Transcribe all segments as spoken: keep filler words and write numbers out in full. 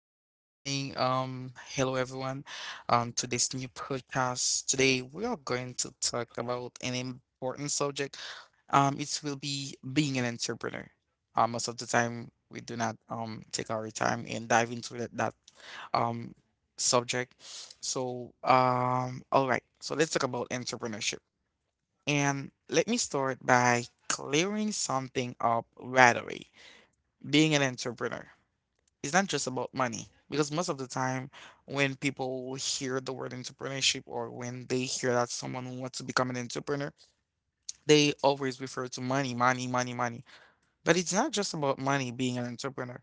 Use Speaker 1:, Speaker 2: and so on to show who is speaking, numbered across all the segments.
Speaker 1: joining. Um, hello everyone. Um, to this new podcast today, we are going to talk about an important subject. Um, it will be being an entrepreneur. Uh, most of the time, we do not um take our time and dive into that that um subject. So, um, all right. So let's talk about entrepreneurship, and let me start by clearing something up right away. Being an entrepreneur is not just about money, because most of the time, when people hear the word entrepreneurship, or when they hear that someone wants to become an entrepreneur, they always refer to money, money, money, money. But it's not just about money. Being an entrepreneur,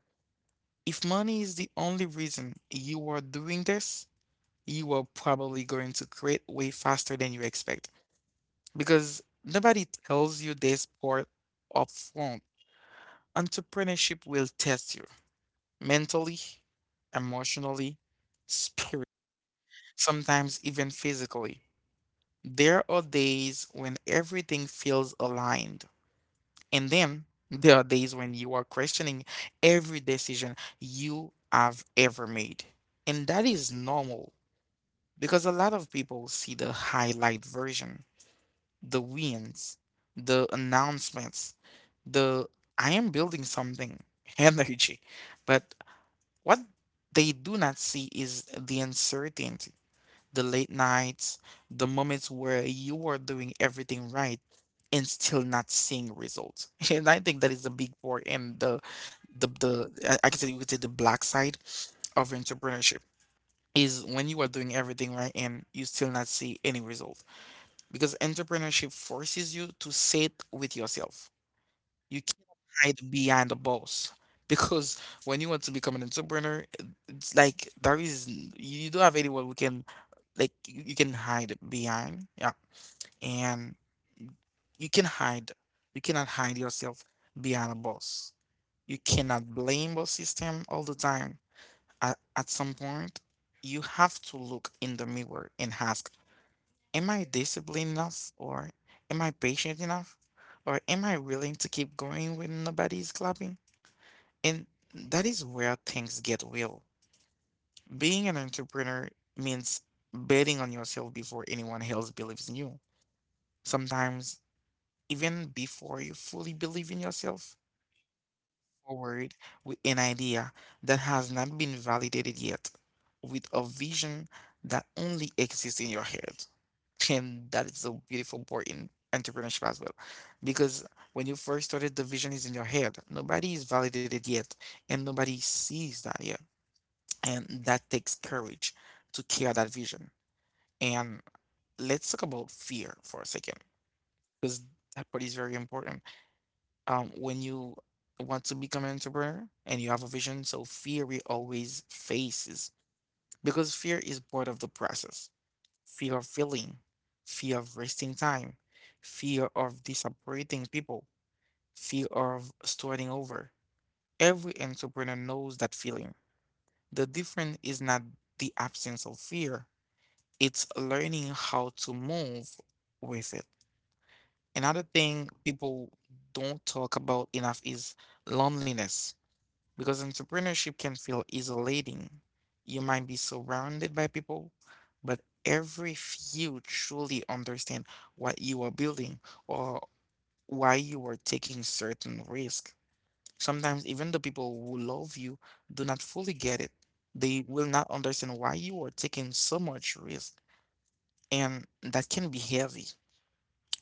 Speaker 1: if money is the only reason you are doing this, you are probably going to create way faster than you expect, because nobody tells you this part up front. Entrepreneurship will test you mentally, emotionally, spirit, sometimes even physically. There are days when everything feels aligned, and then there are days when you are questioning every decision you have ever made. And that is normal, because a lot of people see the highlight version, the wins, the announcements, the "I am building something" energy. But What they do not see is the uncertainty, the late nights, the moments where you are doing everything right and still not seeing results. And I think that is the big part, and the the the I I can say you could say the black side of entrepreneurship is when you are doing everything right and you still not see any result. Because entrepreneurship forces you to sit with yourself. You hide behind the boss. Because when you want to become an entrepreneur, it- it's like there is n- you don't have anyone who can, like, you, you can hide behind. Yeah, and you can hide. You cannot hide yourself behind a boss. You cannot blame the system all the time. At, at some point, you have to look in the mirror and ask, am I disciplined enough? Or am I patient enough? Or am I willing to keep going when nobody is clapping? And that is where things get real. Being an entrepreneur means betting on yourself before anyone else believes in you. Sometimes, even before you fully believe in yourself, forward with an idea that has not been validated yet, with a vision that only exists in your head. And that is a beautiful part in entrepreneurship as well. Because when you first started, the vision is in your head. Nobody is validated yet, and nobody sees that yet. And that takes courage to carry that vision. And let's talk about fear for a second, because that part is very important. Um, when you want to become an entrepreneur and you have a vision, so fear we always faces, because fear is part of the process. Fear of failing, fear of wasting time, fear of disappointing people, fear of starting over. Every entrepreneur knows that feeling. The difference is not the absence of fear, it's learning how to move with it. Another thing people don't talk about enough is loneliness, because entrepreneurship can feel isolating. You might be surrounded by people, but every few truly understand what you are building or why you are taking certain risk. Sometimes even the people who love you do not fully get it. They will not understand why you are taking so much risk, and that can be heavy.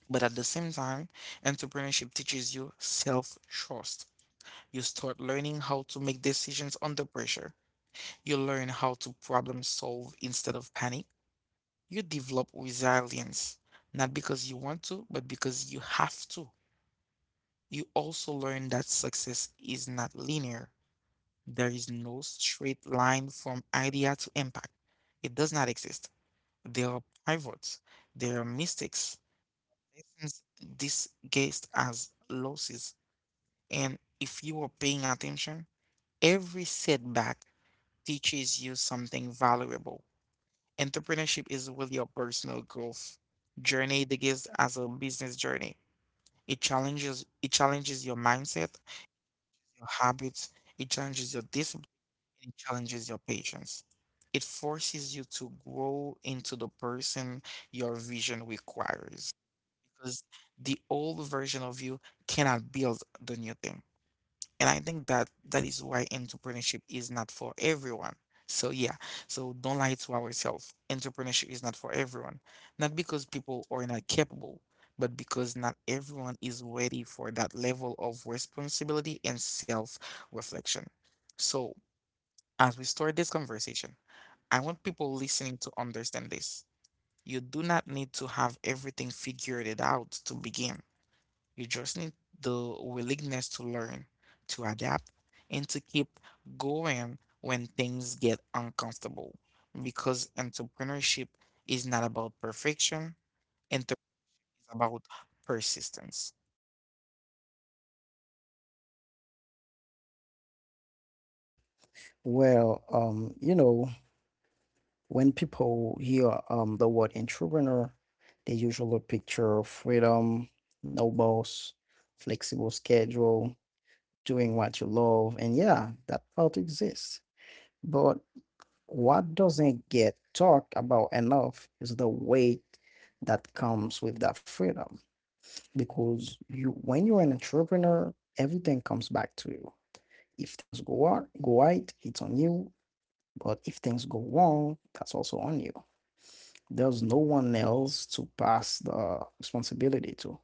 Speaker 1: But at the same time, entrepreneurship teaches you self trust. You start learning how to make decisions under pressure. You learn how to problem solve instead of panic. You develop resilience, not because you want to, but because you have to. You also learn that success is not linear. There is no straight line from idea to impact. It does not exist. There are pivots, there are mistakes, lessons disguised as losses. And if you are paying attention, every setback teaches you something valuable. Entrepreneurship is really your personal growth journey that gives as a business journey. It challenges it challenges your mindset, your habits, it challenges your discipline, and it challenges your patience. It forces you to grow into the person your vision requires. Because the old version of you cannot build the new thing. And I think that that is why entrepreneurship is not for everyone. So yeah, so don't lie to ourselves. Entrepreneurship is not for everyone. Not because people are not capable, but because not everyone is ready for that level of responsibility and self-reflection. So, as we start this conversation, I want people listening to understand this. You do not need to have everything figured it out to begin. You just need the willingness to learn, to adapt, and to keep going when things get uncomfortable. Because entrepreneurship is not about perfection, it's about persistence.
Speaker 2: Well, um, you know, when people hear um the word entrepreneur, they usually picture freedom, no boss, flexible schedule, doing what you love, and yeah, that part exists. But what doesn't get talked about enough is the weight that comes with that freedom. Because you, when you're an entrepreneur, everything comes back to you. If things go out, go right, it's on you. But if things go wrong, that's also on you. There's no one else to pass the responsibility to.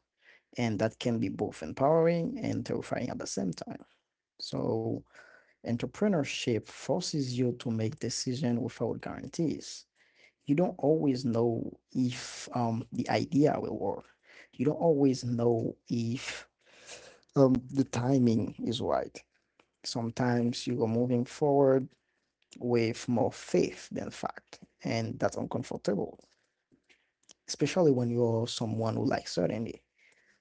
Speaker 2: And that can be both empowering and terrifying at the same time. So, entrepreneurship forces you to make decisions without guarantees. You don't always know if um, the idea will work. You don't always know if um, the timing is right. Sometimes you are moving forward with more faith than fact, and that's uncomfortable, especially when you're someone who likes certainty.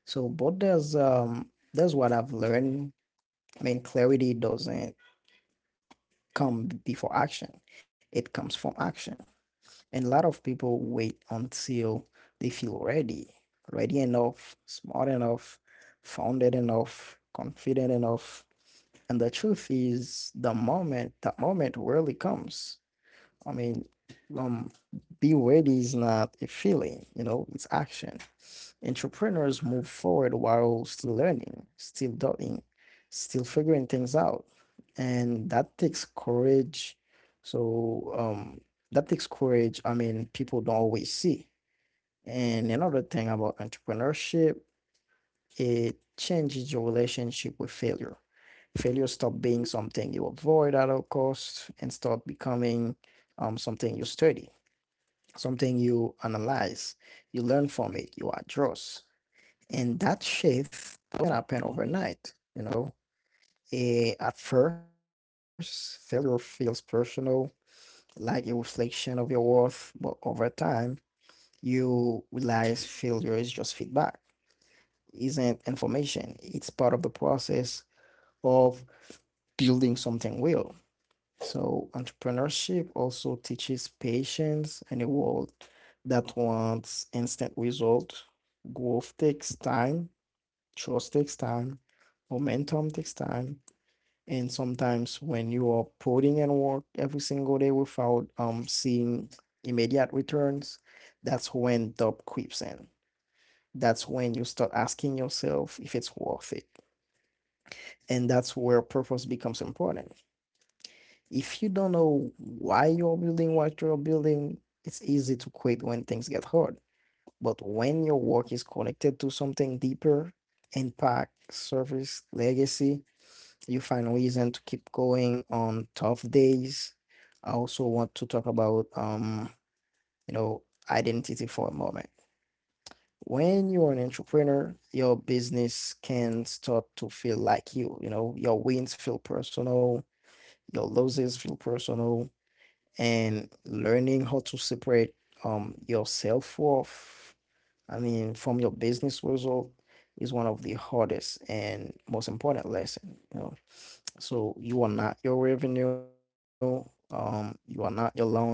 Speaker 2: So, but there's um there's what I've learned. I mean, clarity doesn't come before action; it comes from action. And a lot of people wait until they feel ready, ready enough, smart enough, founded enough, confident enough. And the truth is, the moment that moment rarely comes. I mean, um, be ready is not a feeling, you know, it's action. Entrepreneurs move forward while still learning, still doubting, still figuring things out. And that takes courage. So, um, that takes courage. I mean, people don't always see. And another thing about entrepreneurship, it changes your relationship with failure. Failure stop being something you avoid at all costs and start becoming um, something you study, something you analyze, you learn from it, you adjust. And that shift can happen overnight, you know. Eh, at first, failure feels personal, like a reflection of your worth, but over time, you realize failure is just feedback, isn't information. It's part of the process of building something real. So entrepreneurship also teaches patience in a world that wants instant result. Growth takes time, trust takes time, momentum takes time, and sometimes when you are putting in work every single day without um seeing immediate returns, that's when doubt creeps in. That's when you start asking yourself if it's worth it. And that's where purpose becomes important. If you don't know why you're building what you're building, it's easy to quit when things get hard. But when your work is connected to something deeper, impact, service, legacy, you find reason to keep going on tough days. I also want to talk about um, you know, identity for a moment. When you're an entrepreneur, your business can start to feel like you, you know, your wins feel personal, your losses feel personal, and learning how to separate um yourself forth, I mean, from your business result is one of the hardest and most important lesson, you know. So you are not your revenue, um you are not your launch,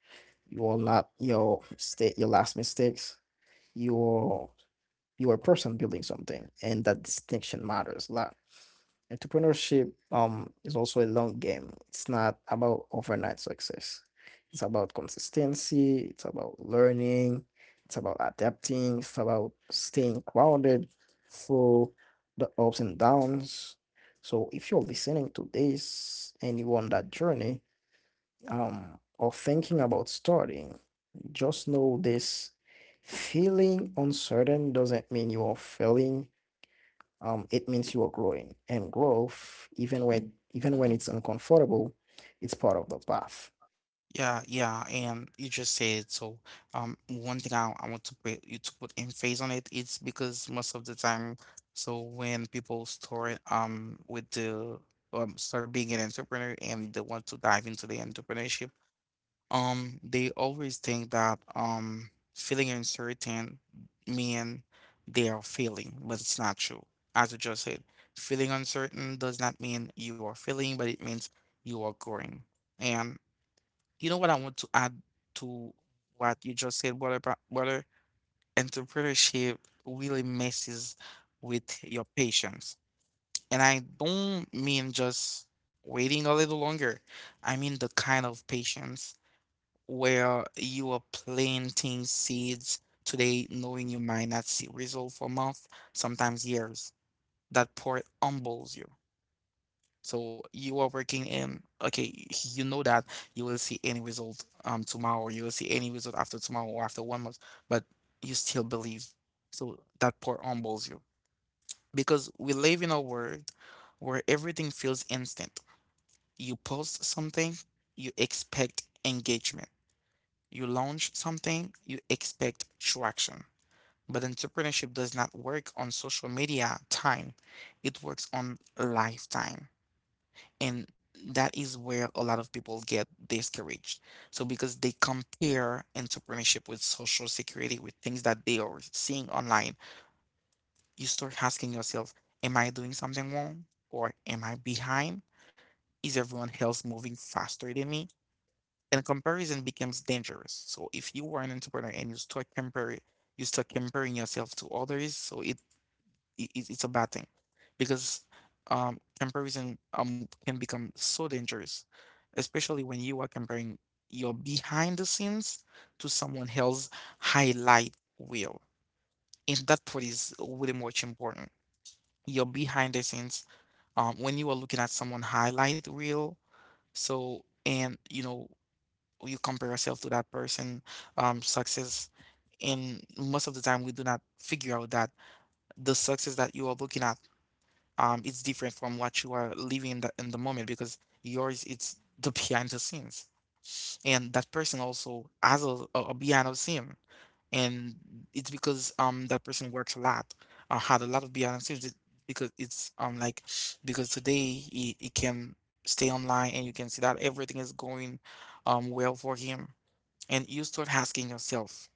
Speaker 2: you are not your state, your last mistakes. you are you are a person building something, and that distinction matters a lot. Entrepreneurship um is also a long game. It's not about overnight success. It's about consistency, it's about learning, it's about adapting, it's about staying grounded through the ups and downs. So if you're listening to this and you on that journey, um or thinking about starting, just know this: feeling uncertain doesn't mean you are failing. Um, it means you are growing, and growth, even when even when it's uncomfortable, it's part of the path.
Speaker 1: Yeah, yeah, and you just said it. So, um, one thing I, I want to put you to put emphasis on it, it's because most of the time, so when people start um with the um start being an entrepreneur and they want to dive into the entrepreneurship, Um, they always think that um feeling uncertain mean they are failing, but it's not true. As I just said, feeling uncertain does not mean you are failing, but it means you are growing. And you know what I want to add to what you just said, what about whether entrepreneurship really messes with your patience. And I don't mean just waiting a little longer. I mean the kind of patience where you are planting seeds today, knowing you might not see result for months, sometimes years. That part humbles you. So you are working in, okay, you know that you will see any result um tomorrow, you will see any result after tomorrow or after one month, but you still believe. So that part humbles you. Because we live in a world where everything feels instant. You post something, you expect engagement, you launch something, you expect traction. But entrepreneurship does not work on social media time, it works on lifetime. And that is where a lot of people get discouraged. So, because they compare entrepreneurship with social security, with things that they are seeing online, you start asking yourself, am I doing something wrong? Or am I behind? Is everyone else moving faster than me? And comparison becomes dangerous. So if you are an entrepreneur and you start comparing, you start comparing yourself to others, so it, it it's it's a bad thing, because um comparison um can become so dangerous, especially when you are comparing your behind the scenes to someone else highlight reel, and that part is really much important. Your behind the scenes, um, when you are looking at someone highlight reel, so, and you know, you compare yourself to that person um success, and most of the time we do not figure out that the success that you are looking at um is different from what you are living in the, in the moment, because yours it's the behind the scenes, and that person also has a, a, a behind the scene, and it's because um that person works a lot, uh, had a lot of behind the scenes, it- because it's um like, because today he, he can stay online and you can see that everything is going um well for him, and you start asking yourself,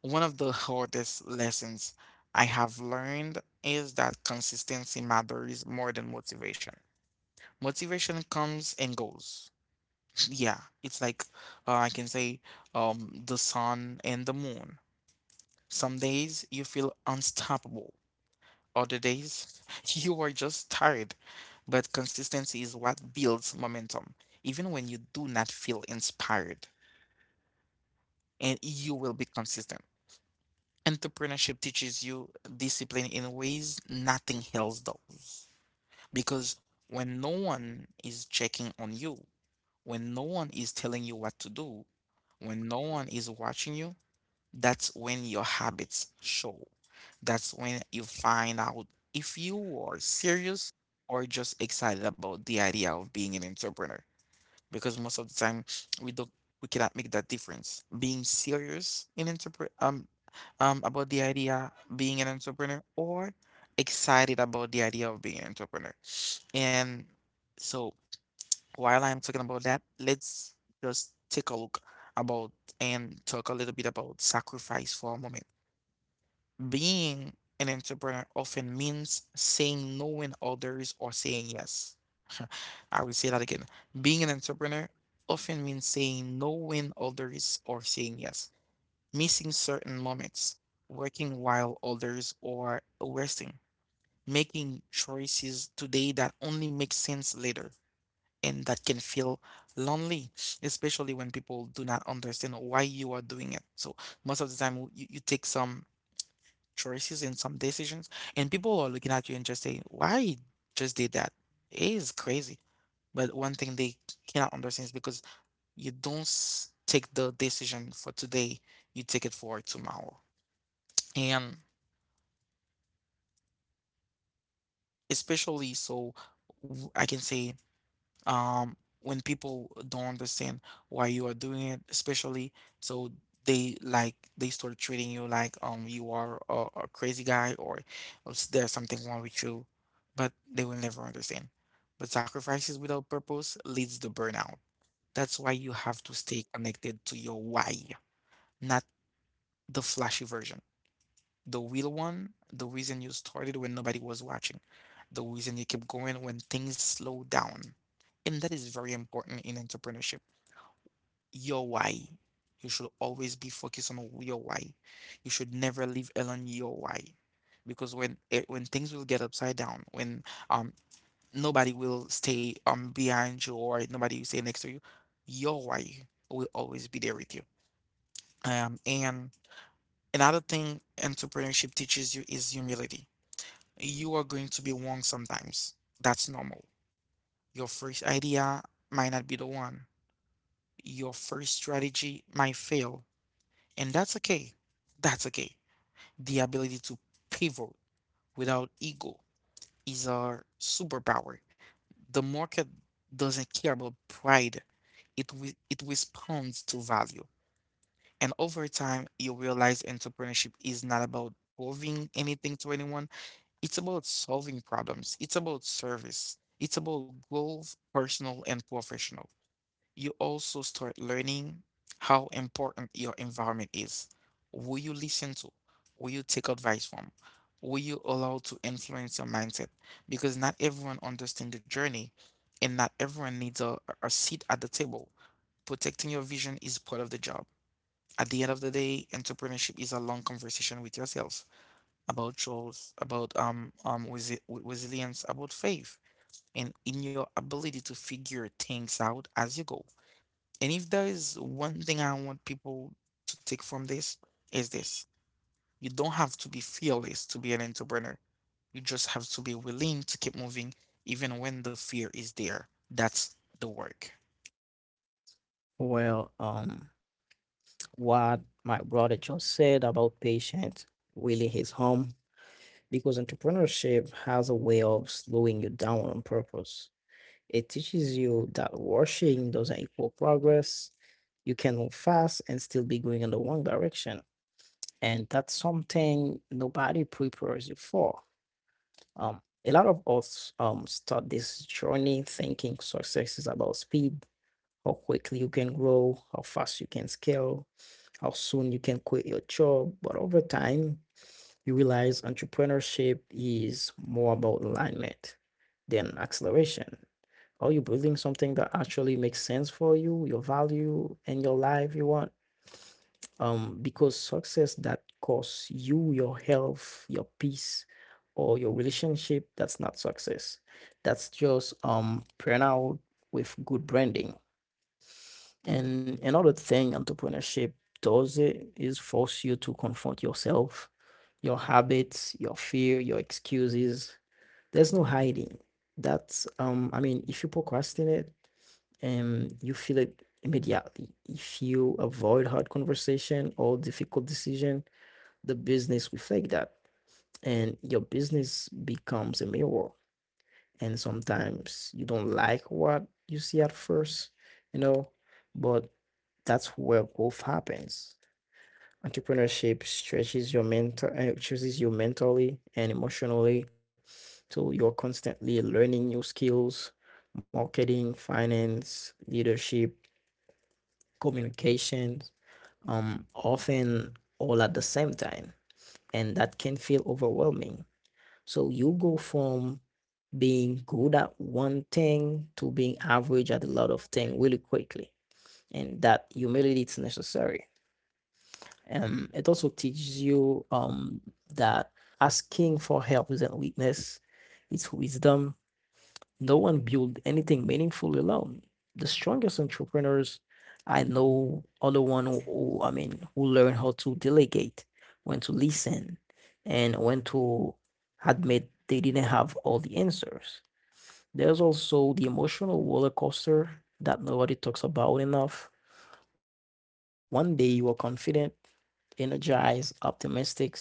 Speaker 1: one of the hardest lessons I have learned is that consistency matters more than motivation. Motivation comes and goes. Yeah, it's like, uh, I can say, um, the sun and the moon. Some days you feel unstoppable, other days you are just tired. But consistency is what builds momentum, even when you do not feel inspired, and you will be consistent. Entrepreneurship teaches you discipline in ways nothing else does. Because when no one is checking on you, when no one is telling you what to do, when no one is watching you, that's when your habits show. That's when you find out if you are serious or just excited about the idea of being an entrepreneur, because most of the time we don't we cannot make that difference. Being serious in entrepre- um um about the idea being an entrepreneur, or excited about the idea of being an entrepreneur. And so, while I'm talking about that, let's just take a look about and talk a little bit about sacrifice for a moment. Being an entrepreneur often means saying no when others are saying yes. I will say that again. Being an entrepreneur often means saying no when others are saying yes, missing certain moments, working while others are resting, making choices today that only make sense later, and that can feel lonely, especially when people do not understand why you are doing it. So most of the time you, you take some choices in some decisions, and people are looking at you and just saying, "Why you just did that?" It is crazy. But one thing they cannot understand is because you don't s- take the decision for today, you take it for tomorrow. And especially so, w- I can say um, when people don't understand why you are doing it, especially so they like they start treating you like um you are a, a crazy guy or s- there's something wrong with you, but they will never understand. But sacrifices without purpose leads to burnout. That's why you have to stay connected to your why, not the flashy version. The real one, the reason you started when nobody was watching, the reason you keep going when things slow down. And that is very important in entrepreneurship. Your why. You should always be focused on your why. You should never leave alone your why. Because when it, when things will get upside down, when um nobody will stay um behind you or nobody will stay next to you, your why will always be there with you. Um and another thing entrepreneurship teaches you is humility. You are going to be wrong sometimes. That's normal. Your first idea might not be the one. Your first strategy might fail. And that's okay. That's okay. The ability to pivot without ego is our superpower. The market doesn't care about pride, it, re- it responds to value. And over time, you realize entrepreneurship is not about proving anything to anyone. It's about solving problems. It's about service. It's about goals, personal and professional. You also start learning how important your environment is. Who you listen to, who you take advice from, who you allow to influence your mindset. Because not everyone understands the journey, and not everyone needs a, a seat at the table. Protecting your vision is part of the job. At the end of the day, entrepreneurship is a long conversation with yourself about choice, about um um resi w- resilience, about faith, and in your ability to figure things out as you go. And if there is one thing I want people to take from this, is this. You don't have to be fearless to be an entrepreneur. You just have to be willing to keep moving even when the fear is there. That's the work.
Speaker 2: well um what my brother just said about patience really hits home, because entrepreneurship has a way of slowing you down on purpose. It teaches you that rushing doesn't equal progress. You can move fast and still be going in the wrong direction, and that's something nobody prepares you for. Um, a lot of us um start this journey thinking success is about speed, how quickly you can grow, how fast you can scale, how soon you can quit your job. But over time, you realize entrepreneurship is more about alignment than acceleration. Are you building something that actually makes sense for you, your value, and your life you want? Um, because success that costs you your health, your peace, or your relationship, that's not success. That's just um, burnout with good branding. And another thing entrepreneurship does it is force you to confront yourself, your habits, your fear, your excuses. There's no hiding. That's um, I mean, if you procrastinate, um, you feel it immediately. If you avoid hard conversation or difficult decision, the business reflects that, and your business becomes a mirror, and sometimes you don't like what you see at first, you know. But that's where growth happens. Entrepreneurship stretches your mental uh, stretches you mentally and emotionally. So you're constantly learning new skills: marketing, finance, leadership, communication, um often all at the same time, and that can feel overwhelming. So you go from being good at one thing to being average at a lot of things really quickly. And that humility is necessary. Um, it also teaches you um, that asking for help isn't weakness, it's wisdom. No one built anything meaningful alone. The strongest entrepreneurs I know are the one who, who- I mean, who learn how to delegate, when to listen, and when to admit they didn't have all the answers. There's also the emotional roller coaster that nobody talks about enough. Um, one day you are confident, energized, optimistic,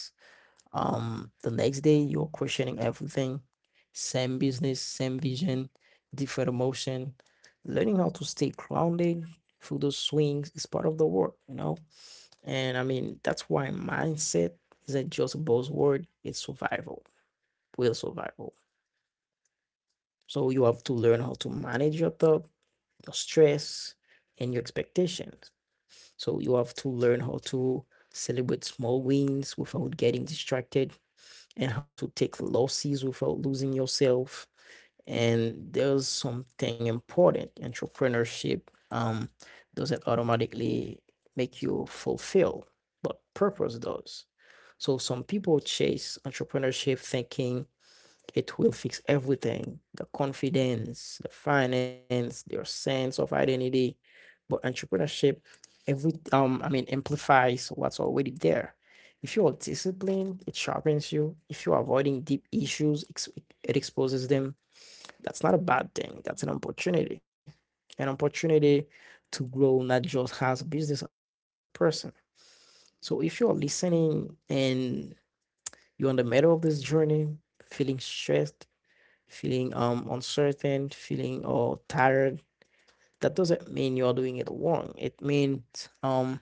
Speaker 2: um, the next day you're questioning everything. Same business, same vision, different emotion. Learning how to stay grounded through those swings is part of the work, you know? And I mean, that's why mindset isn't just a buzzword, it's survival, real survival. So you have to learn how to manage your thought, your stress, and your expectations. So you have to learn how to celebrate small wins without getting distracted, and how to take losses without losing yourself. And there's something important. Entrepreneurship um, doesn't automatically make you fulfill, but purpose does. So some people chase entrepreneurship thinking it will fix everything: the confidence, the finance, your sense of identity. But entrepreneurship, every um, I mean, amplifies what's already there. If you are disciplined, it sharpens you. If you are avoiding deep issues, ex- it exposes them. That's not a bad thing. That's an opportunity. An opportunity to grow not just as a business owner, but as a person. So if you're listening and you're in the middle of this journey, feeling stressed, feeling um uncertain, feeling or tired, that doesn't mean you're doing it wrong. It means um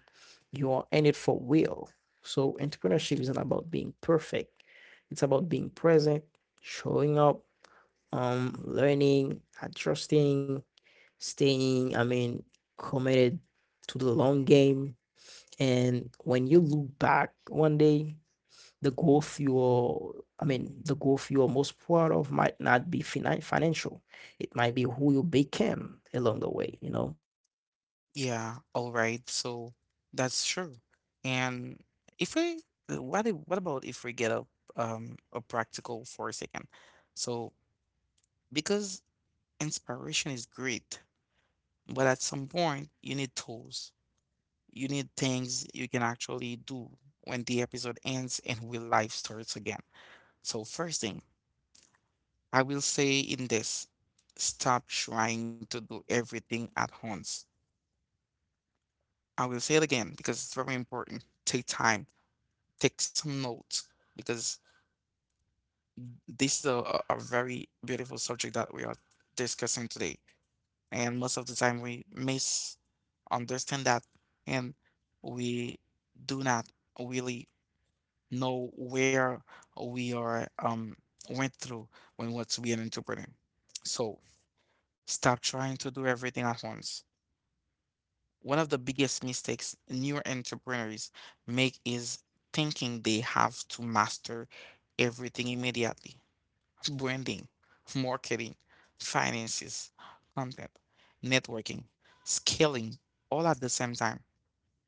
Speaker 2: you are in it for real. So entrepreneurship isn't about being perfect. It's about being present, showing up, um, learning, adjusting, staying, I mean, committed to the long game. And when you look back one day, the growth you're, I mean, the growth you're most proud of might not be finan financial. It might be who you became along the way, you know?
Speaker 1: Yeah, all right. So that's true. And if we, uh, what if, what about if we get a um a practical for a second? So because inspiration is great, but at some point you need tools. You need things you can actually do when the episode ends and when life starts again. So first thing I will say in this, stop trying to do everything at once. I will say it again because it's very important. Take time, take some notes because this is a, a a very beautiful subject that we are discussing today. And most of the time we misunderstand that, and we do not really know where we are um went through when we want to be an entrepreneur. So stop trying to do everything at once. One of the biggest mistakes new entrepreneurs make is thinking they have to master everything immediately. Branding, marketing, finances, content, networking, scaling all at the same time.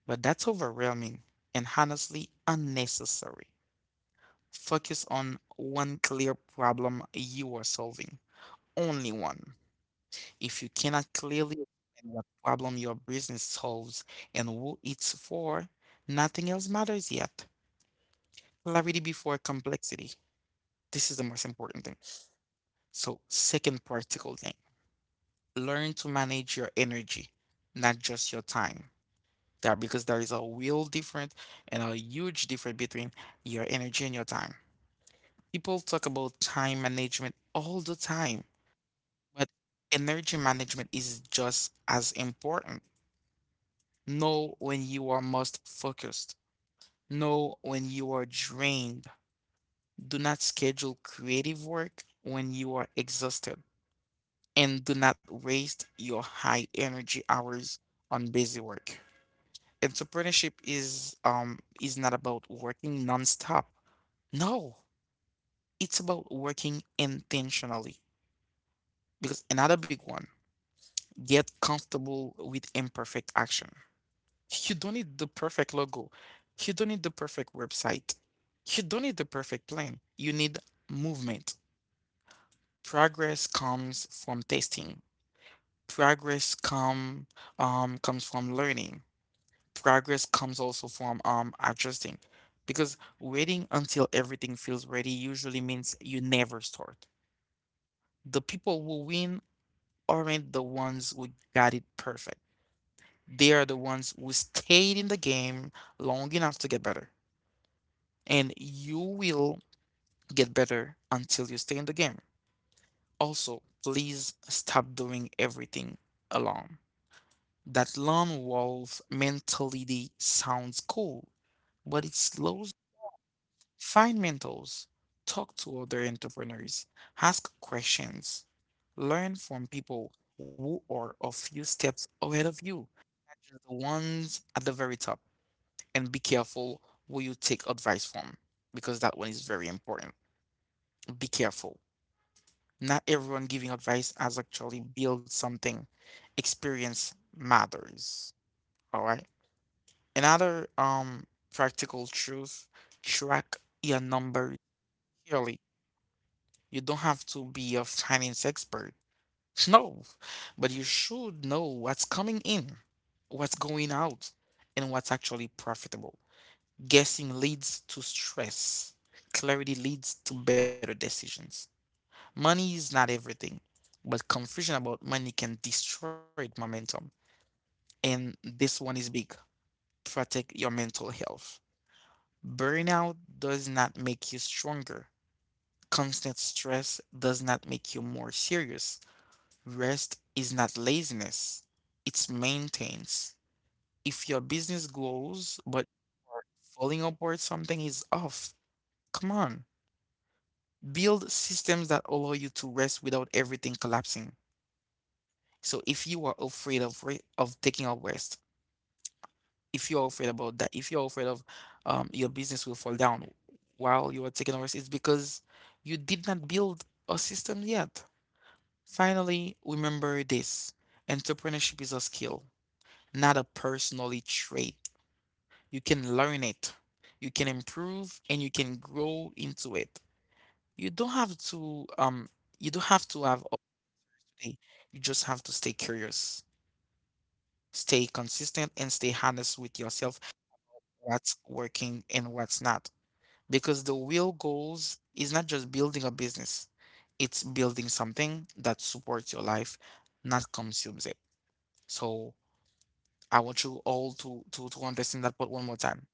Speaker 1: But that's overwhelming and honestly unnecessary. Focus on one clear problem you are solving, only one. If you cannot clearly explain what problem your business solves and who it's for, nothing else matters yet. Clarity before complexity. This is the most important thing. So, second practical thing, learn to manage your energy, not just your time. There, because there is a real difference and a huge difference between your energy and your time. People talk about time management all the time, but energy management is just as important. Know when you are most focused. Know when you are drained. Do not schedule creative work when you are exhausted. And do not waste your high energy hours on busy work. Entrepreneurship is um is not about working nonstop. No, it's about working intentionally. Because another big one, get comfortable with imperfect action. You don't need the perfect logo. You don't need the perfect website. You don't need the perfect plan. You need movement. Progress comes from testing. Progress come um comes from learning. Progress comes also from um adjusting because waiting until everything feels ready usually means you never start. The people who win aren't the ones who got it perfect. They are the ones who stayed in the game long enough to get better. And you will get better until you stay in the game. Also, please stop doing everything alone. That lone wolf mentality sounds cool, but it slows. Find mentors, talk to other entrepreneurs, ask questions, learn from people who are a few steps ahead of you, not just the ones at the very top, and be careful who you take advice from because that one is very important. Be careful. Not everyone giving advice has actually built something. Experience matters. All right. Another um practical truth, track your numbers clearly. You don't have to be a finance expert. No, but you should know what's coming in, what's going out, and what's actually profitable. Guessing leads to stress. Clarity leads to better decisions. Money is not everything, but confusion about money can destroy momentum. And this one is big. Protect your mental health. Burnout does not make you stronger. Constant stress does not make you more serious. Rest is not laziness, it's maintenance. If your business grows but you are falling apart, something is off. Come on. Build systems that allow you to rest without everything collapsing. So if you are afraid of re- of taking a rest, if you're afraid about that, if you're afraid of um, your business will fall down while you are taking a rest, it's because you did not build a system yet. Finally, remember this. Entrepreneurship is a skill, not a personality trait. You can learn it, you can improve, and you can grow into it. You don't have to um you don't have to have all day. You just have to stay curious, stay consistent, and stay honest with yourself what's working and what's not. Because the real goals is not just building a business, it's building something that supports your life, not consumes it. So I want you all to to to understand that point one more time.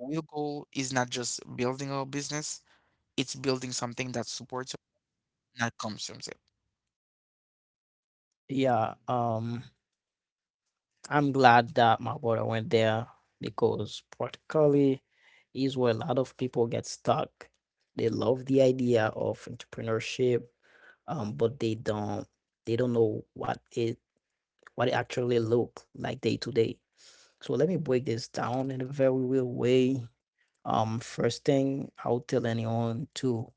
Speaker 1: The real goal is not just building a business, it's building something that supports you, not consumes it.
Speaker 2: Yeah, um, I'm glad that my brother went there, because practically is where a lot of people get stuck. They love the idea of entrepreneurship, um, but they don't they don't know what it what it actually look like day to day. So let me break this down in a very real way. Um, first thing I would tell anyone to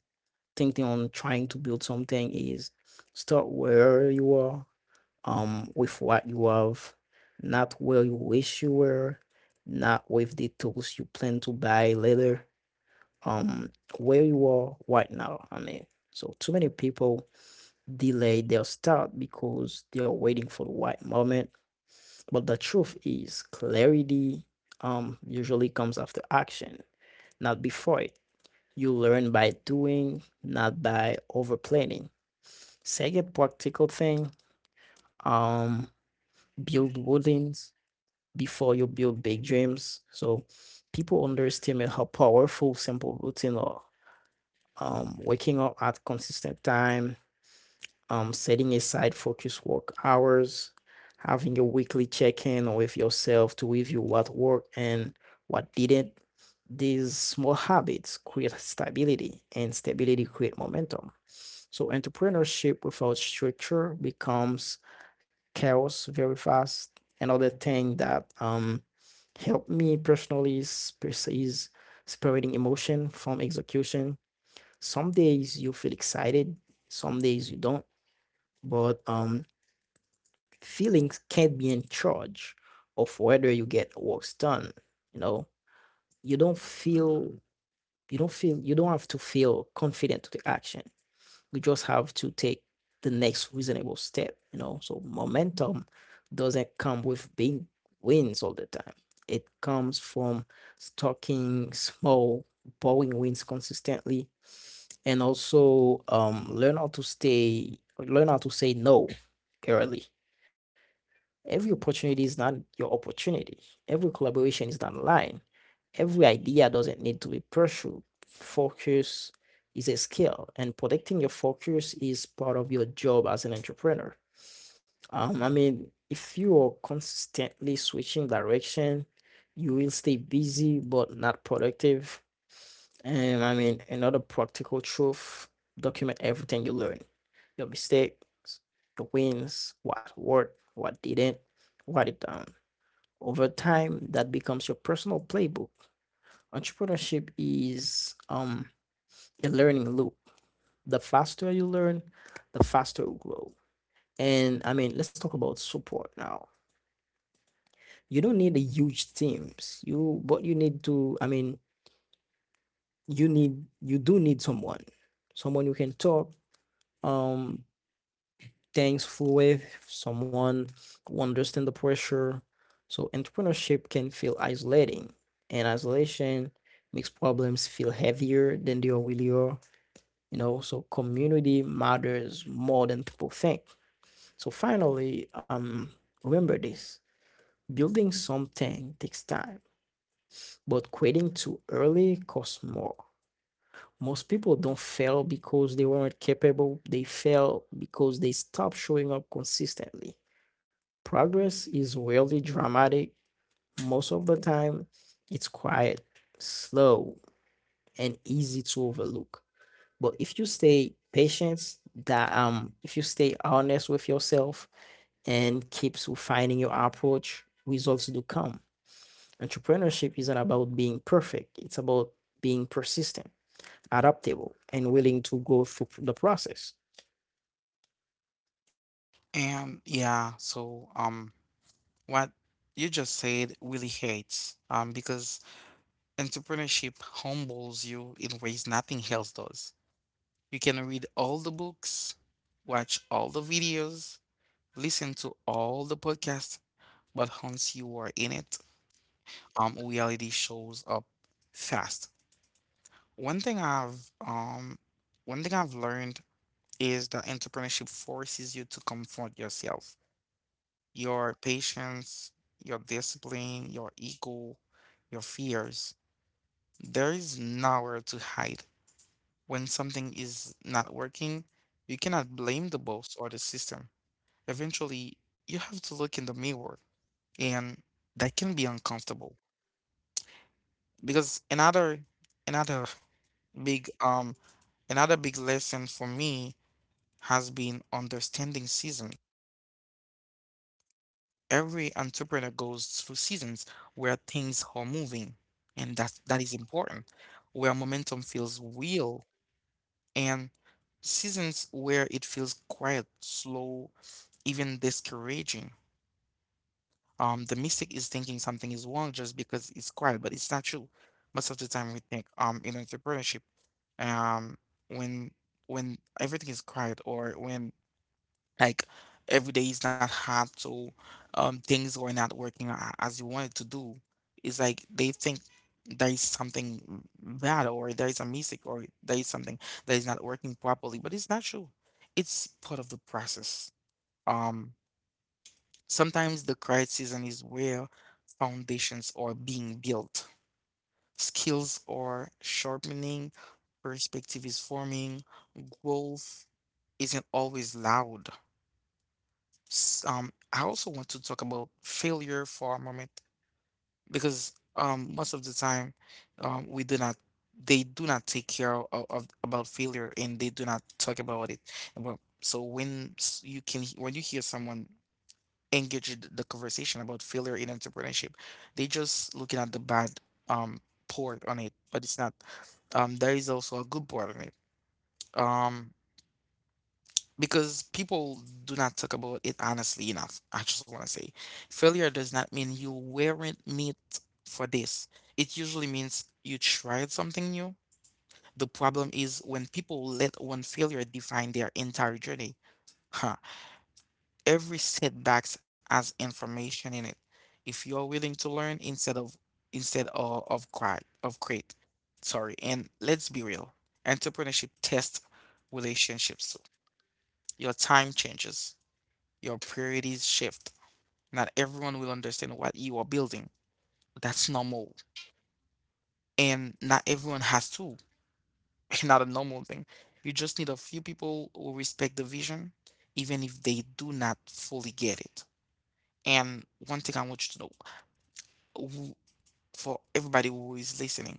Speaker 2: thinking on trying to build something is start where you are, um, with what you have, not where you wish you were, not with the tools you plan to buy later, um, where you are right now. I mean, so too many people delay their start because they're waiting for the right moment. But the truth is clarity um usually comes after action, not before it. You learn by doing, not by over planning. Second practical thing, um, build woodings before you build big dreams. So people underestimate how powerful simple routine are. Um, waking up at consistent time, um, setting aside focus work hours, having a weekly check-in with yourself to review what worked and what didn't. These small habits create stability, and stability create momentum. So entrepreneurship without structure becomes chaos very fast. Another thing that um, helped me personally is, is separating emotion from execution. Some days you feel excited, some days you don't. But um, feelings can't be in charge of whether you get works done, you know. you don't feel you don't feel you don't have to feel confident to the action, you just have to take the next reasonable step, you know. So momentum doesn't come with big wins all the time, it comes from stocking small boring wins consistently. And also, um, learn how to stay learn how to say no early. Every opportunity is not your opportunity. Every collaboration is not lying. Every idea doesn't need to be pursued. Focus is a skill, and protecting your focus is part of your job as an entrepreneur. Um, I mean, if you are consistently switching direction, you will stay busy but not productive. And I mean, another practical truth: document everything you learn, your mistakes, your wins, what worked, what didn't, what it um, over time, that becomes your personal playbook. Entrepreneurship is um, a learning loop. The faster you learn, the faster you grow. And I mean, let's talk about support now. You don't need a huge teams. You but you need to. I mean, you need, you do need someone, someone you can talk. Um, Things fluid, someone who understands the pressure. So entrepreneurship can feel isolating, and isolation makes problems feel heavier than they really are. You know, so community matters more than people think. So finally, um, remember this: building something takes time, but quitting too early costs more. Most people don't fail because they weren't capable. They fail because they stopped showing up consistently. Progress is rarely dramatic. Most of the time, it's quiet, slow, and easy to overlook. But if you stay patient, that um, if you stay honest with yourself and keeps refining your approach, results do come. Entrepreneurship isn't about being perfect. It's about being persistent, adaptable, and willing to go through the process.
Speaker 1: And yeah, so um what you just said really hurts um because entrepreneurship humbles you in ways nothing else does. You can read all the books, watch all the videos, listen to all the podcasts, but once you are in it, um reality shows up fast. One thing I've um One thing I've learned is that entrepreneurship forces you to confront yourself, your patience, your discipline, your ego, your fears. There is nowhere to hide. When something is not working, you cannot blame the boss or the system. Eventually, you have to look in the mirror, and that can be uncomfortable. Because another another big um another big lesson for me has been understanding seasons. Every entrepreneur goes through seasons where things are moving, and that that is important. Where momentum feels real, and seasons where it feels quiet, slow, even discouraging. Um, the mistake is thinking something is wrong just because it's quiet, but it's not true. Most of the time, we think um in entrepreneurship, um when when everything is quiet or when like every day is not hard, so um things were not working a- as you wanted to do, it's like they think there is something bad or there is a mistake or there is something that is not working properly, but it's not true, it's part of the process. Um, sometimes the quiet season is where foundations are being built, skills are sharpening, perspective is forming. Growth isn't always loud. S- Um, I also want to talk about failure for a moment because um, most of the time um, we do not, they do not take care of, of about failure and they do not talk about it. Well, so when s- you can he- when you hear someone engage in the conversation about failure in entrepreneurship, they just looking at the bad um part on it, but it's not. Um, there is also a good part on it. Um, because people do not talk about it honestly enough. I just want to say failure does not mean you weren't meant for this. It usually means you tried something new. The problem is when people let one failure define their entire journey. Huh. Every setback has information in it. If you're willing to learn instead of instead of, of cry of quit. Sorry. And let's be real. Entrepreneurship tests relationships too. Your time changes, your priorities shift. Not everyone will understand what you are building. That's normal. And not everyone has to. Not a normal thing. You just need a few people who respect the vision, even if they do not fully get it. And one thing I want you to know w- for everybody who is listening,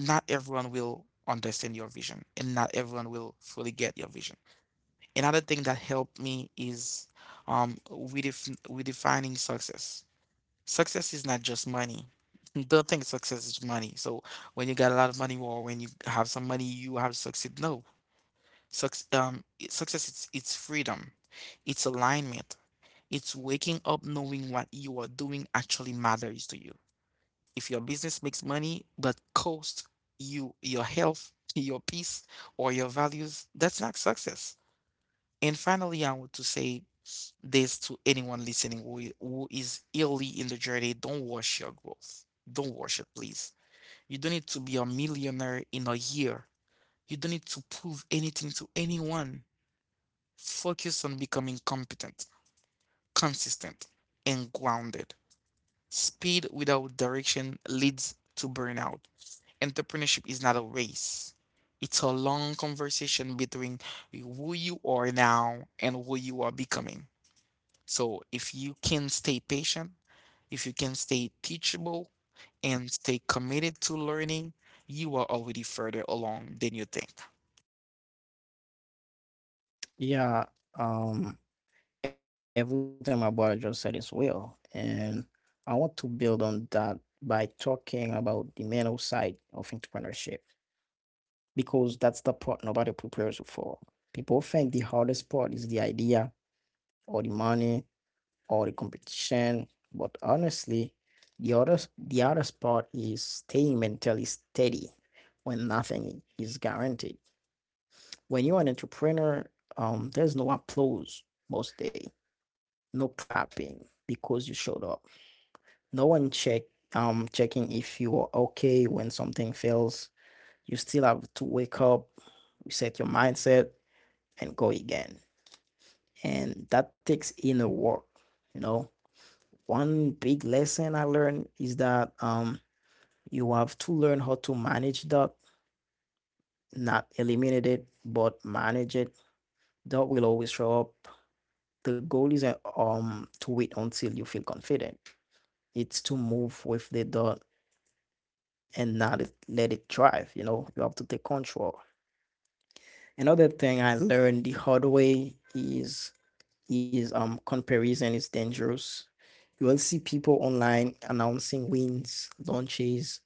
Speaker 1: not everyone will understand your vision, and not everyone will fully get your vision. Another thing that helped me is um, redef- redefining success. Success is not just money. Don't think success is money. So when you got a lot of money or when you have some money, you have succeed. No, Suc- um, i- success it's it's freedom, it's alignment, it's waking up knowing what you are doing actually matters to you. If your business makes money but costs you your health, your peace, or your values, that's not success. And finally, I want to say this to anyone listening who, i- who is early in the journey, don't rush your growth. Don't rush it, please. You don't need to be a millionaire in a year. You don't need to prove anything to anyone. Focus on becoming competent, consistent, and grounded. Speed without direction leads to burnout. Entrepreneurship is not a race. It's a long conversation between who you are now and who you are becoming. So if you can stay patient, if you can stay teachable and stay committed to learning, you are already further along than you think.
Speaker 2: Yeah, um, everything my brother just said is well, and I want to build on that by talking about the mental side of entrepreneurship, because that's the part nobody prepares you for. People think the hardest part is the idea or the money or the competition, but honestly, the hardest the hardest part is staying mentally steady when nothing is guaranteed. When you're an entrepreneur, um, there's no applause most day, no clapping because you showed up. No one check um checking if you are okay when something fails. You still have to wake up, reset your mindset, and go again. And that takes inner work. You know, one big lesson I learned is that, um, you have to learn how to manage that, not eliminate it, but manage it. That will always show up. The goal is um to wait until you feel confident. It's to move with the dot and not it- let it drive. You know, you have to take control. Another thing I learned the hard way is is um comparison is dangerous. You will see people online announcing wins, launches,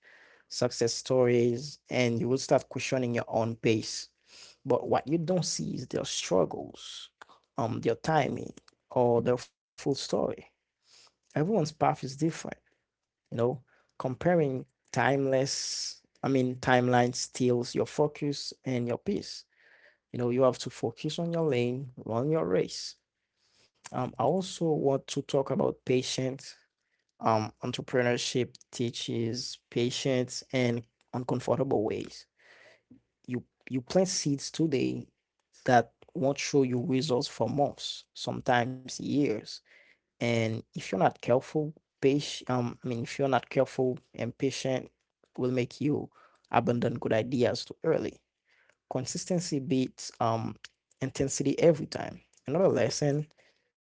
Speaker 2: success stories, and you will start questioning your own pace. But what you don't see is their struggles, um, their timing, or their full story. Everyone's path is different, you know. Comparing timeless, I mean, Timeline steals your focus and your peace. You know, you have to focus on your lane, run your race. Um, I also want to talk about patience. Um, entrepreneurship teaches patience in uncomfortable ways. You you plant seeds today that won't show you results for months, sometimes years. And if you're not careful, patient, um, I mean, If you're not careful and patient, will make you abandon good ideas too early. Consistency beats um intensity every time. Another lesson: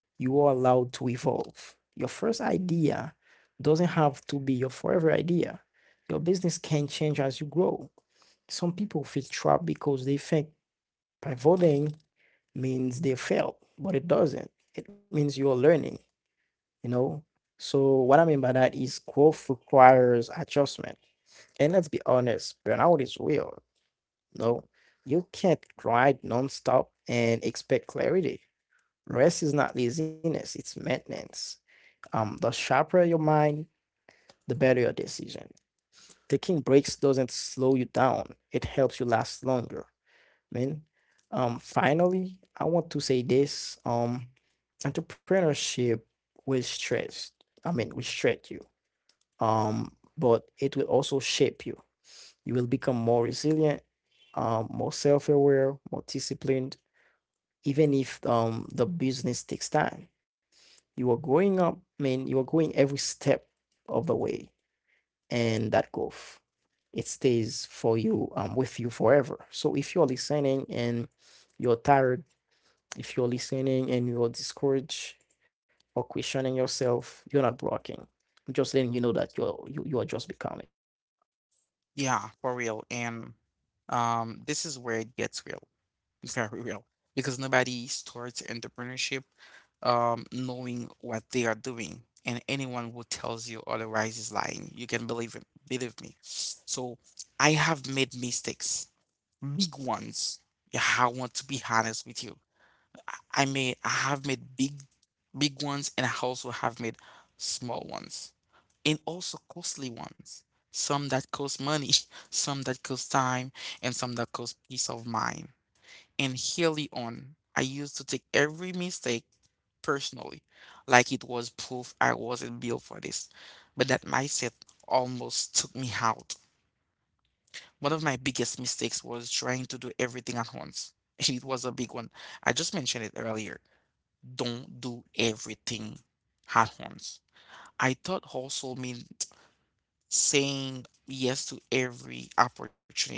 Speaker 2: you are allowed to evolve. Your first idea doesn't have to be your forever idea. Your business can change as you grow. Some people feel trapped because they think pivoting means they failed, but it doesn't. It means you're learning, you know? So, what I mean by that is growth requires adjustment. And let's be honest, burnout is real. No, you can't grind nonstop and expect clarity. Rest is not laziness, it's maintenance. Um, the sharper your mind, the better your decision. Taking breaks doesn't slow you down, it helps you last longer. I mean, Um, finally, I want to say this. Um, entrepreneurship will stress. I mean, will stretch you. Um, but it will also shape you. You will become more resilient, um, more self-aware, more disciplined, even if um the business takes time. You are growing up, I mean, You are going every step of the way, and that golf, it stays for you, um, with you forever. So if you're listening and you're tired, if you're listening and you're discouraged or questioning yourself, you're not blocking. I'm just letting you know that you're you, you are just becoming.
Speaker 1: Yeah, for real. And um, this is where it gets real, very real, because nobody starts entrepreneurship um, knowing what they are doing. And anyone who tells you otherwise is lying. You can believe it, believe me. So I have made mistakes, big ones. Yeah, I want to be honest with you. I may I have made big big ones, and I also have made small ones and also costly ones. Some that cost money, some that cost time, and some that cost peace of mind. And early on, I used to take every mistake personally, like it was proof I wasn't built for this. But that mindset almost took me out. One of my biggest mistakes was trying to do everything at once. And it was a big one. I just mentioned it earlier. Don't do everything at once. I thought also mean saying yes to every opportunity,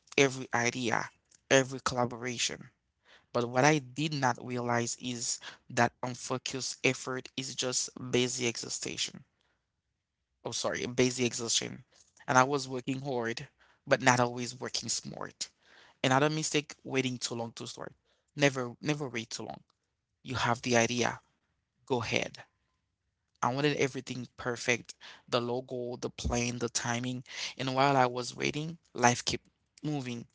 Speaker 1: every idea, every collaboration. But what I did not realize is that unfocused effort is just busy exhaustion. Oh, sorry, busy exhaustion. And I was working hard, but not always working smart. Another mistake, waiting too long to start. Never, never wait too long. You have the idea, go ahead. I wanted everything perfect, the logo, the plan, the timing. And while I was waiting, life kept moving.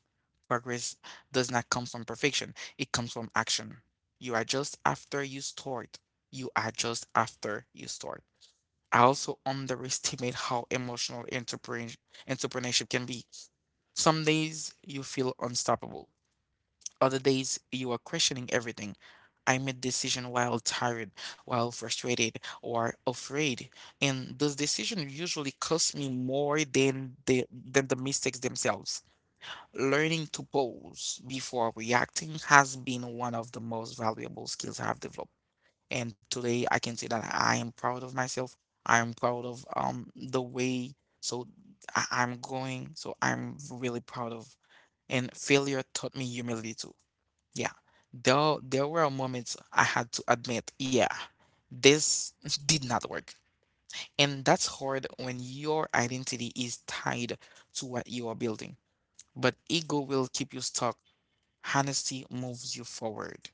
Speaker 1: Progress does not come from perfection, it comes from action. You adjust after you start. You adjust after you start. I also underestimate how emotional entrepreneur- entrepreneurship can be. Some days you feel unstoppable. Other days, you are questioning everything. I made decision while tired, while frustrated, or afraid, and those decisions usually cost me more than the than the mistakes themselves. Learning to pause before reacting has been one of the most valuable skills I've developed, and today I can say that I am proud of myself. I am proud of um the way so I- I'm going. So I'm really proud of. And failure taught me humility too. Yeah, there there were moments I had to admit, yeah, this did not work. And that's hard when your identity is tied to what you are building. But ego will keep you stuck. Honesty moves you forward.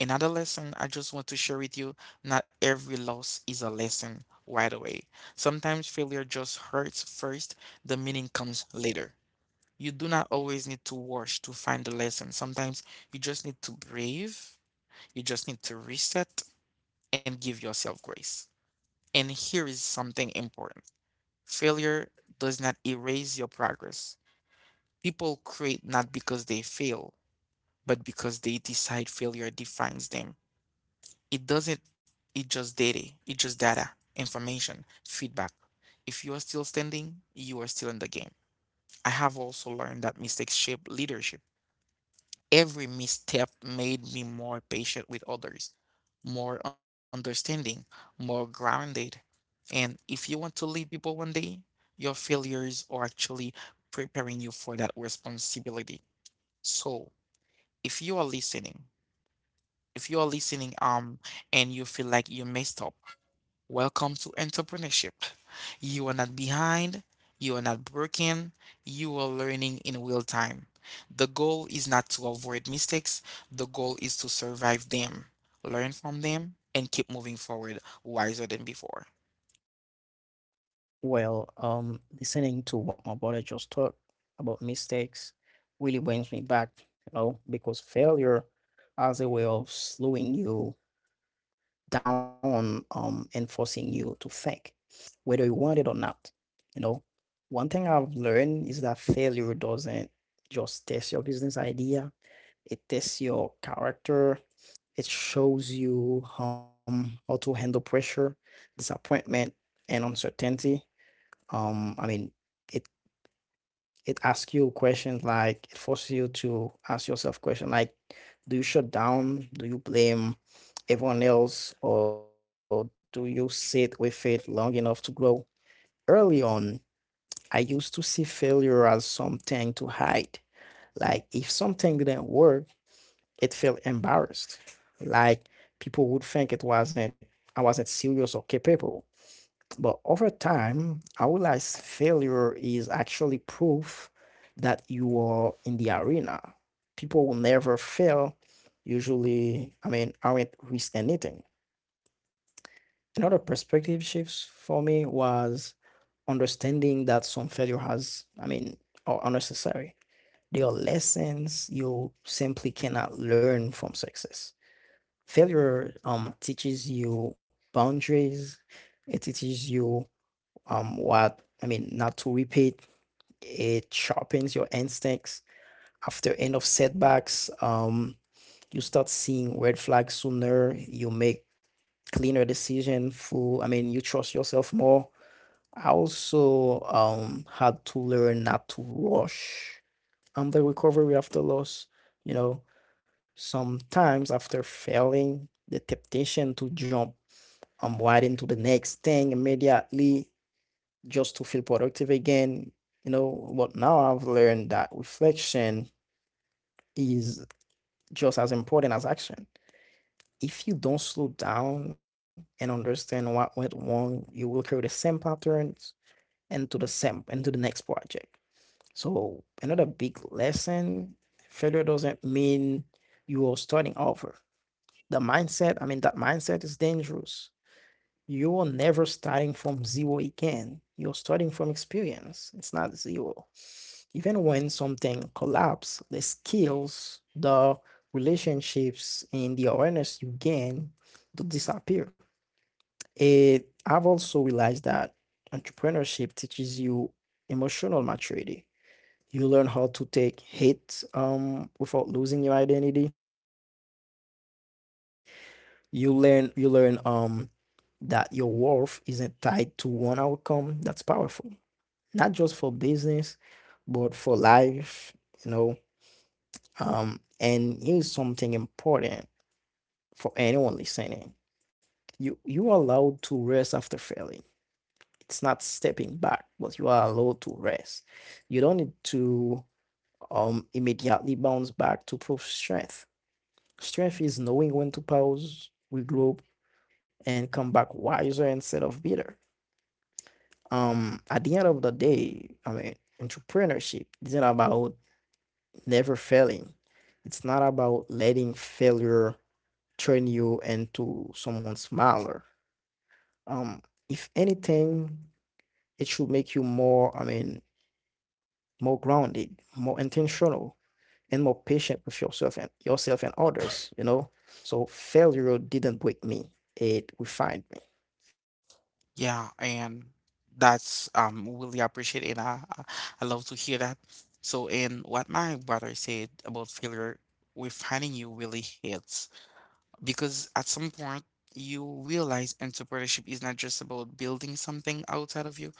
Speaker 1: Another lesson I just want to share with you, not every loss is a lesson right away. Sometimes failure just hurts first, the meaning comes later. You do not always need to wash to find the lesson. Sometimes you just need to breathe, you just need to reset and give yourself grace. And here is something important: failure does not erase your progress. People create not because they fail, but because they decide failure defines them. It doesn't, it just data, it just data, information, feedback. If you are still standing, you are still in the game. I have also learned that mistakes shape leadership. Every misstep made me more patient with others, more understanding, more grounded. And if you want to lead people one day, your failures are actually preparing you for that responsibility. So if you are listening, if you are listening, um, and you feel like you messed up, welcome to entrepreneurship. You are not behind, you are not broken, you are learning in real time. The goal is not to avoid mistakes, the goal is to survive them, learn from them, and keep moving forward wiser than before.
Speaker 2: Well um listening to what my brother just talked about mistakes really brings me back, you know, because failure has a way of slowing you down, um and forcing you to think, whether you want it or not. You know, one thing I've learned is that failure doesn't just test your business idea, it tests your character. It shows you, um, how to handle pressure, disappointment, and uncertainty. Um, I mean, it it asks you questions, like, it forces you to ask yourself questions like, do you shut down? Do you blame everyone else, or do you sit with it long enough to grow? Early on, I used to see failure as something to hide. Like if something didn't work, it felt embarrassed. Like people would think it wasn't I wasn't serious or capable. But over time, I realized failure is actually proof that you are in the arena. People will never fail. Usually, I mean, I will not risk anything. Another perspective shifts for me was understanding that some failure has, I mean, are unnecessary. There are lessons you simply cannot learn from success. Failure um teaches you boundaries. It teaches you um what I mean not to repeat. It sharpens your instincts. After end of setbacks, um you start seeing red flags sooner. You make cleaner decision. Full. I mean You trust yourself more. I also um had to learn not to rush um the recovery after loss. You know, sometimes, after failing, the temptation to jump um, right into the next thing immediately just to feel productive again, you know. But now I've learned that reflection is just as important as action. If you don't slow down and understand what went wrong, you will carry the same patterns into the same into the next project. So another big lesson, failure doesn't mean you are starting over. The mindset, I mean, That mindset is dangerous. You are never starting from zero again. You're starting from experience. It's not zero. Even when something collapse, the skills, the relationships, and the awareness you gain don't disappear. It, I've also realized that entrepreneurship teaches you emotional maturity. You learn how to take hate, um, without losing your identity. You learn you learn um that your worth isn't tied to one outcome. That's powerful, not just for business but for life, you know. Um and here's something important for anyone listening: you you are allowed to rest after failing. It's not stepping back, but you are allowed to rest. You don't need to um immediately bounce back to prove strength. Strength is knowing when to pause, regroup, and come back wiser instead of bitter. Um at the end of the day, i mean entrepreneurship isn't about never failing. It's not about letting failure turn you into someone smaller. um if anything, it should make you more, i mean more grounded, more intentional, and more patient with yourself and yourself and others, you know. So failure didn't break me, it refined me.
Speaker 1: Yeah, and that's um really appreciate it. I I I love to hear that. So, and what my brother said about failure, refining you really hits because at some point you realize entrepreneurship is not just about building something outside of you,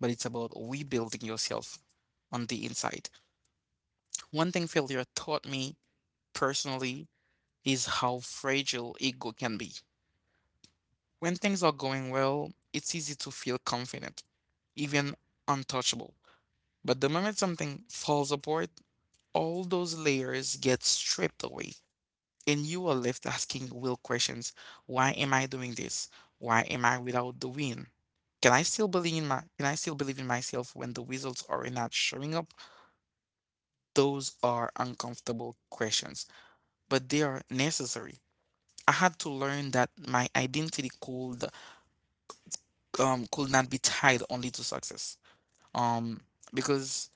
Speaker 1: but it's about rebuilding yourself on the inside. One thing failure taught me personally is how fragile ego can be. When things are going well, it's easy to feel confident, even untouchable. But the moment something falls apart, all those layers get stripped away, and you are left asking real questions. Why am I doing this? Why am I without the win? Can I still believe in my can I still believe in myself when the results are not showing up? Those are uncomfortable questions, but they are necessary. I had to learn that my identity could um, could not be tied only to success. Um, because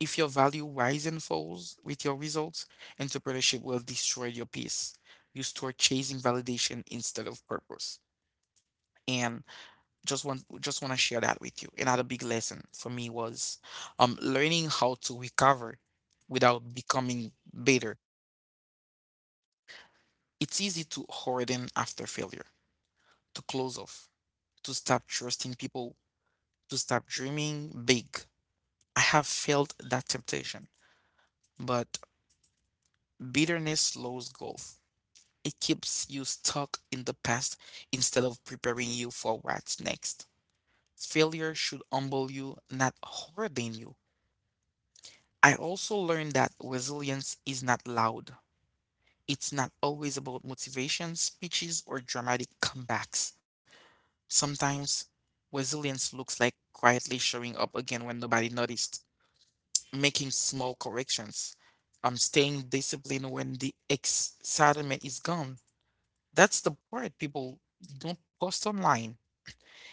Speaker 1: if your value rise and falls with your results, entrepreneurship will destroy your peace. You start chasing validation instead of purpose. And just want just want to share that with you. Another big lesson for me was um learning how to recover without becoming bitter. It's easy to harden after failure, to close off, to stop trusting people, to stop dreaming big. I have felt that temptation, but bitterness slows growth. It keeps you stuck in the past instead of preparing you for what's next. Failure should humble you, not harden you. I also learned that resilience is not loud. It's not always about motivation, speeches, or dramatic comebacks. Sometimes resilience looks like quietly showing up again when nobody noticed, making small corrections. I staying disciplined when the excitement is gone. That's the part people don't post online.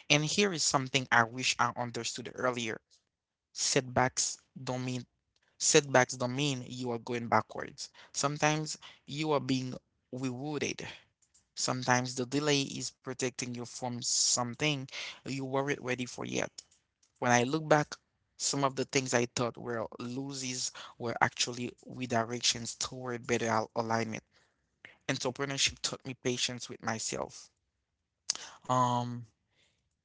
Speaker 1: And here is something I wish I understood earlier. Setbacks don't mean Setbacks don't mean you are going backwards. Sometimes you are being rewarded. Sometimes the delay is protecting you from something you weren't ready for yet. When I look back, some of the things I thought were losses were actually redirections toward better al- alignment. Entrepreneurship taught me patience with myself. Um,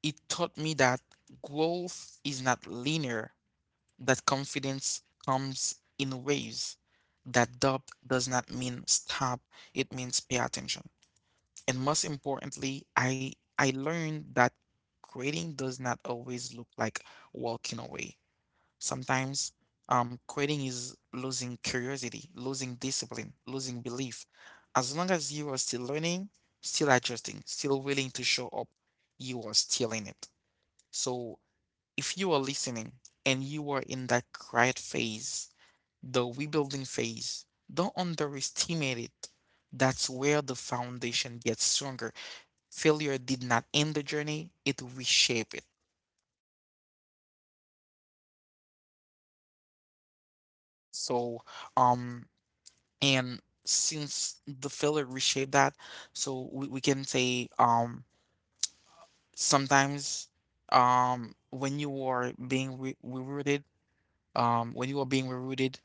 Speaker 1: It taught me that growth is not linear, that confidence comes in waves, that doubt does not mean stop, it means pay attention. And most importantly, I I learned that quitting does not always look like walking away. Sometimes um, quitting is losing curiosity, losing discipline, losing belief. As long as you are still learning, still adjusting, still willing to show up, you are still in it. So if you are listening and you are in that quiet phase, the rebuilding phase, don't underestimate it. That's where the foundation gets stronger. Failure did not end the journey, it reshaped it. So, um, and since the failure reshaped that, so we, we can say, um, sometimes, um, when you are being re- rerouted, um, when you are being rerouted,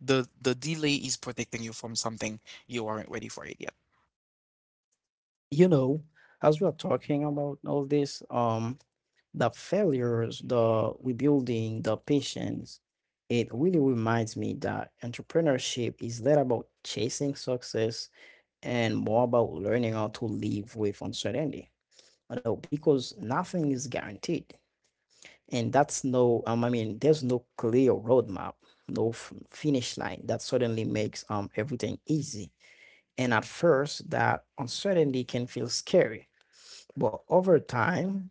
Speaker 1: the the delay is protecting you from something you aren't ready for it yet.
Speaker 2: You know, as we are talking about all this, um the failures, the rebuilding, the patience, it really reminds me that entrepreneurship is less about chasing success and more about learning how to live with uncertainty. You know, because nothing is guaranteed. And that's no, um, I mean, There's no clear roadmap, no f- finish line that suddenly makes um everything easy. And at first, that uncertainty can feel scary, but over time,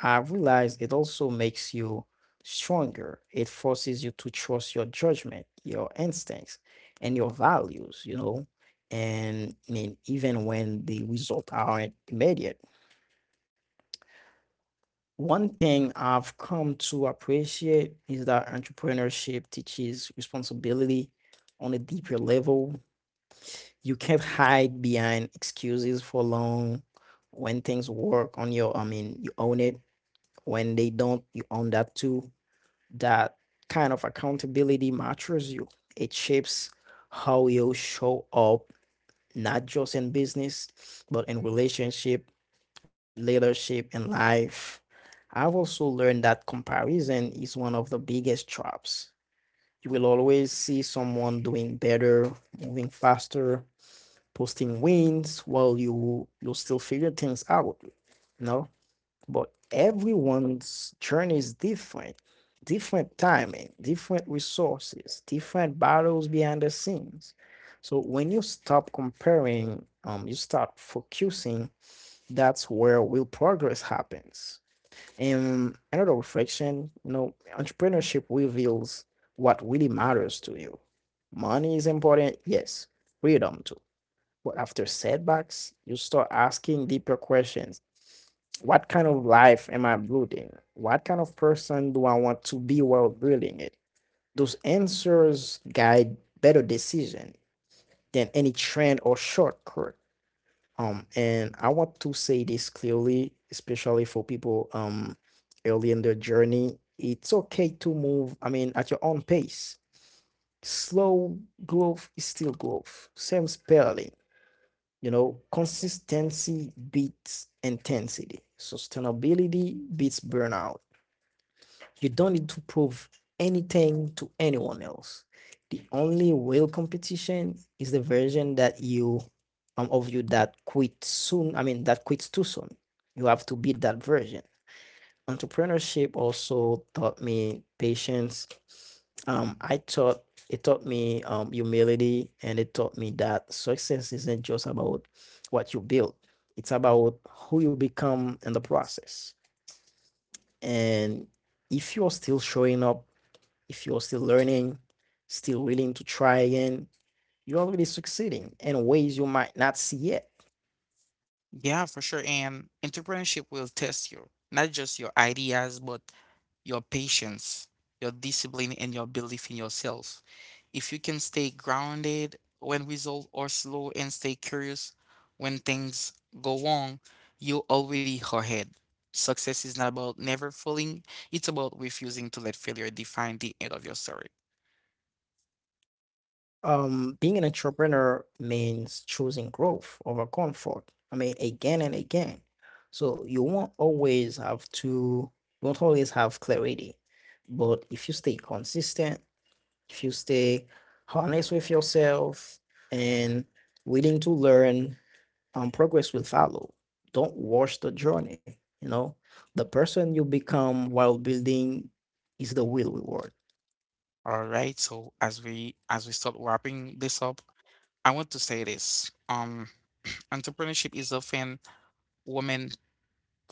Speaker 2: I realize it also makes you stronger. It forces you to trust your judgment, your instincts, and your values, you know. And I mean, even when the results aren't immediate. One thing I've come to appreciate is that entrepreneurship teaches responsibility on a deeper level. You can't hide behind excuses for long. When things work on your, I mean, you own it. When they don't, you own that too. That kind of accountability matures you. It shapes how you show up, not just in business, but in relationship, leadership, and life. I've also learned that comparison is one of the biggest traps. You will always see someone doing better, moving faster, posting wins while you you still figure things out. No, but everyone's journey is different: different timing, different resources, different battles behind the scenes. So when you stop comparing, um you start focusing. That's where real progress happens. And another reflection, you know, entrepreneurship reveals what really matters to you. Money is important, yes, freedom too, but after setbacks you start asking deeper questions. What kind of life am I building? What kind of person do I want to be while building it? Those answers guide better decision than any trend or shortcut. Um, and I want to say this clearly, especially for people um early in their journey. It's okay to move, I mean, at your own pace. Slow growth is still growth. Same spelling. You know, consistency beats intensity. Sustainability beats burnout. You don't need to prove anything to anyone else. The only real competition is the version that you um, of you that quit soon. I mean, that quits too soon. You have to beat that version. Entrepreneurship also taught me patience. Um, I taught It taught me, um, humility, and it taught me that success isn't just about what you build; it's about who you become in the process. And if you're still showing up, if you're still learning, still willing to try again, you're already succeeding in ways you might not see yet.
Speaker 1: Yeah, for sure. And entrepreneurship will test you, not just your ideas, but your patience, your discipline, and your belief in yourself. If you can stay grounded when results are slow and stay curious when things go wrong, you already are ahead. Success is not about never failing, it's about refusing to let failure define the end of your story.
Speaker 2: Um, being an entrepreneur means choosing growth over comfort. I mean, again and again. So you won't always have to, you won't always have clarity. But if you stay consistent, if you stay honest with yourself and willing to learn, um, progress will follow. Don't rush the journey. You know, the person you become while building is the real reward.
Speaker 1: All right, so as we as we start wrapping this up, I want to say this. Um, entrepreneurship is often women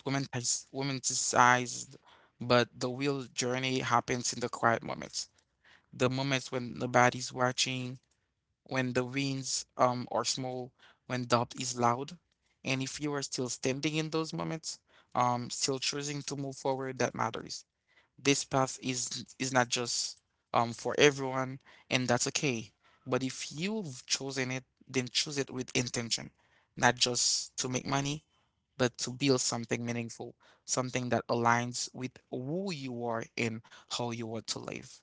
Speaker 1: womaniz- romanticized, but the real journey happens in the quiet moments, the moments when nobody's watching, when the winds um are small, when doubt is loud, and if you are still standing in those moments, um, still choosing to move forward, that matters. This path is is not just um for everyone, and that's okay. But if you've chosen it, then choose it with intention, not just to make money, but to build something meaningful, something that aligns with who you are and how you want to live.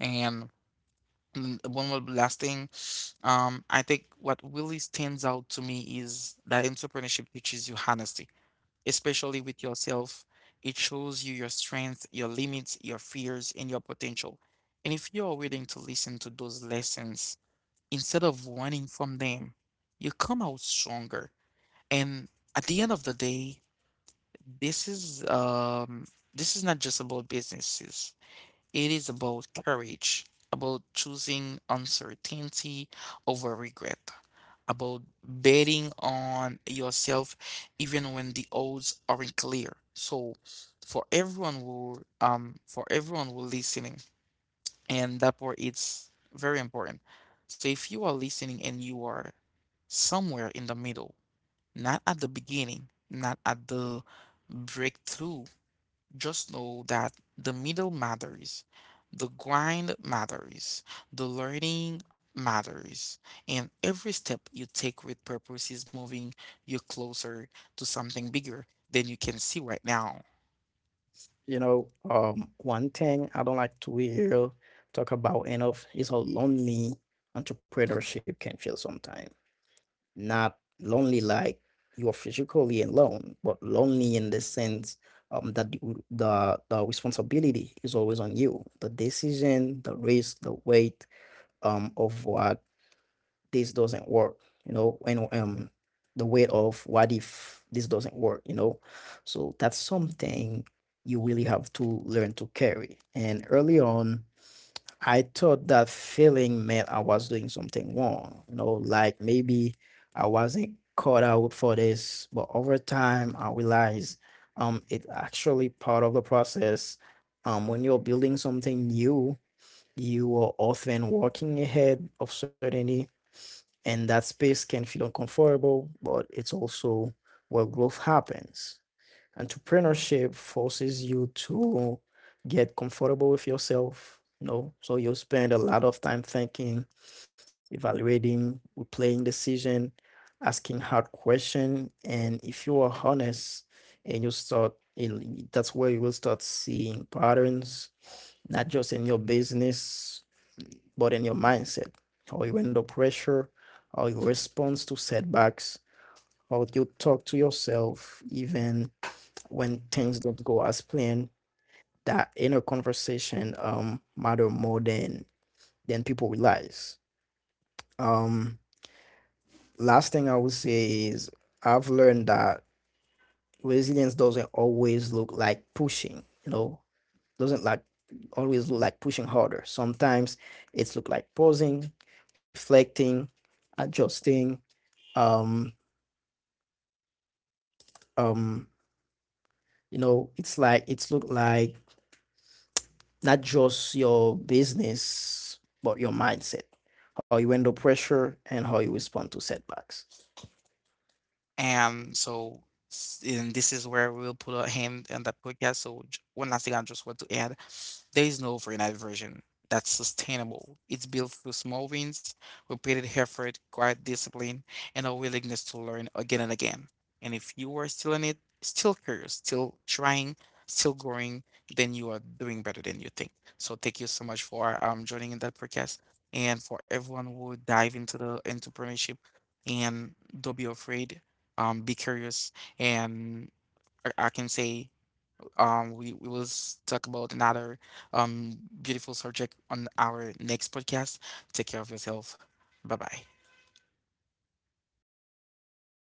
Speaker 1: And mm, one more last thing, um I think what really stands out to me is that entrepreneurship teaches you honesty, especially with yourself. It shows you your strengths, your limits, your fears, and your potential. And if you are willing to listen to those lessons instead of running from them, you come out stronger. And at the end of the day, this is um, this is not just about businesses. It is about courage, about choosing uncertainty over regret, about betting on yourself even when the odds aren't clear. So for everyone who um for everyone who listening, and that part it's very important. So if you are listening and you are somewhere in the middle, not at the beginning, not at the breakthrough, just know that the middle matters, the grind matters, the learning matters, and every step you take with purpose is moving you closer to something bigger than you can see right now.
Speaker 2: You know, um, one thing I don't like to hear talk about enough is how lonely entrepreneurship can feel sometimes. Not lonely like you're physically alone, but lonely in the sense, um, that you- the the responsibility is always on you. The decision, the risk, the weight um, of what this doesn't work you know and um the weight of what if this doesn't work, you know. So that's something you really have to learn to carry. And early on, I thought that failing meant I was doing something wrong, you know, like maybe I wasn't caught out for this. But over time, I realized um it's actually part of the process. Um when you're building something new, you are often working ahead of certainty, and that space can feel uncomfortable, but it's also where growth happens. Entrepreneurship forces you to get comfortable with yourself, you know, so you'll spend a lot of time thinking, evaluating, replaying decision, asking hard question. And if you are honest, and you start, and that's where you will start seeing patterns, not just in your business, but in your mindset, how you handle pressure, how you respond to setbacks, how you talk to yourself, even when things don't go as planned. That inner conversation um matter more than than people realize. Um, Last thing I would say is I've learned that resilience doesn't always look like pushing. You know, doesn't like always look like pushing harder. Sometimes it's look like pausing, reflecting, adjusting, um um you know, it's like it's look like, not just your business but your mindset, how you handle pressure and how you respond to setbacks.
Speaker 1: And so, s- and this is where we'll put a hand on that podcast. So, j- one last thing I just want to add: there is no overnight version that's sustainable. It's built through small wins, repeated effort, quiet discipline, and a willingness to learn again and again. And if you are still in it, still curious, still trying, still growing, then you are doing better than you think. So, thank you so much for um, joining in that podcast. And for everyone who will dive into the entrepreneurship, and don't be afraid, um be curious. And I, I can say um we, we will s- talk about another um beautiful subject on our next podcast. Take care of yourself. Bye bye.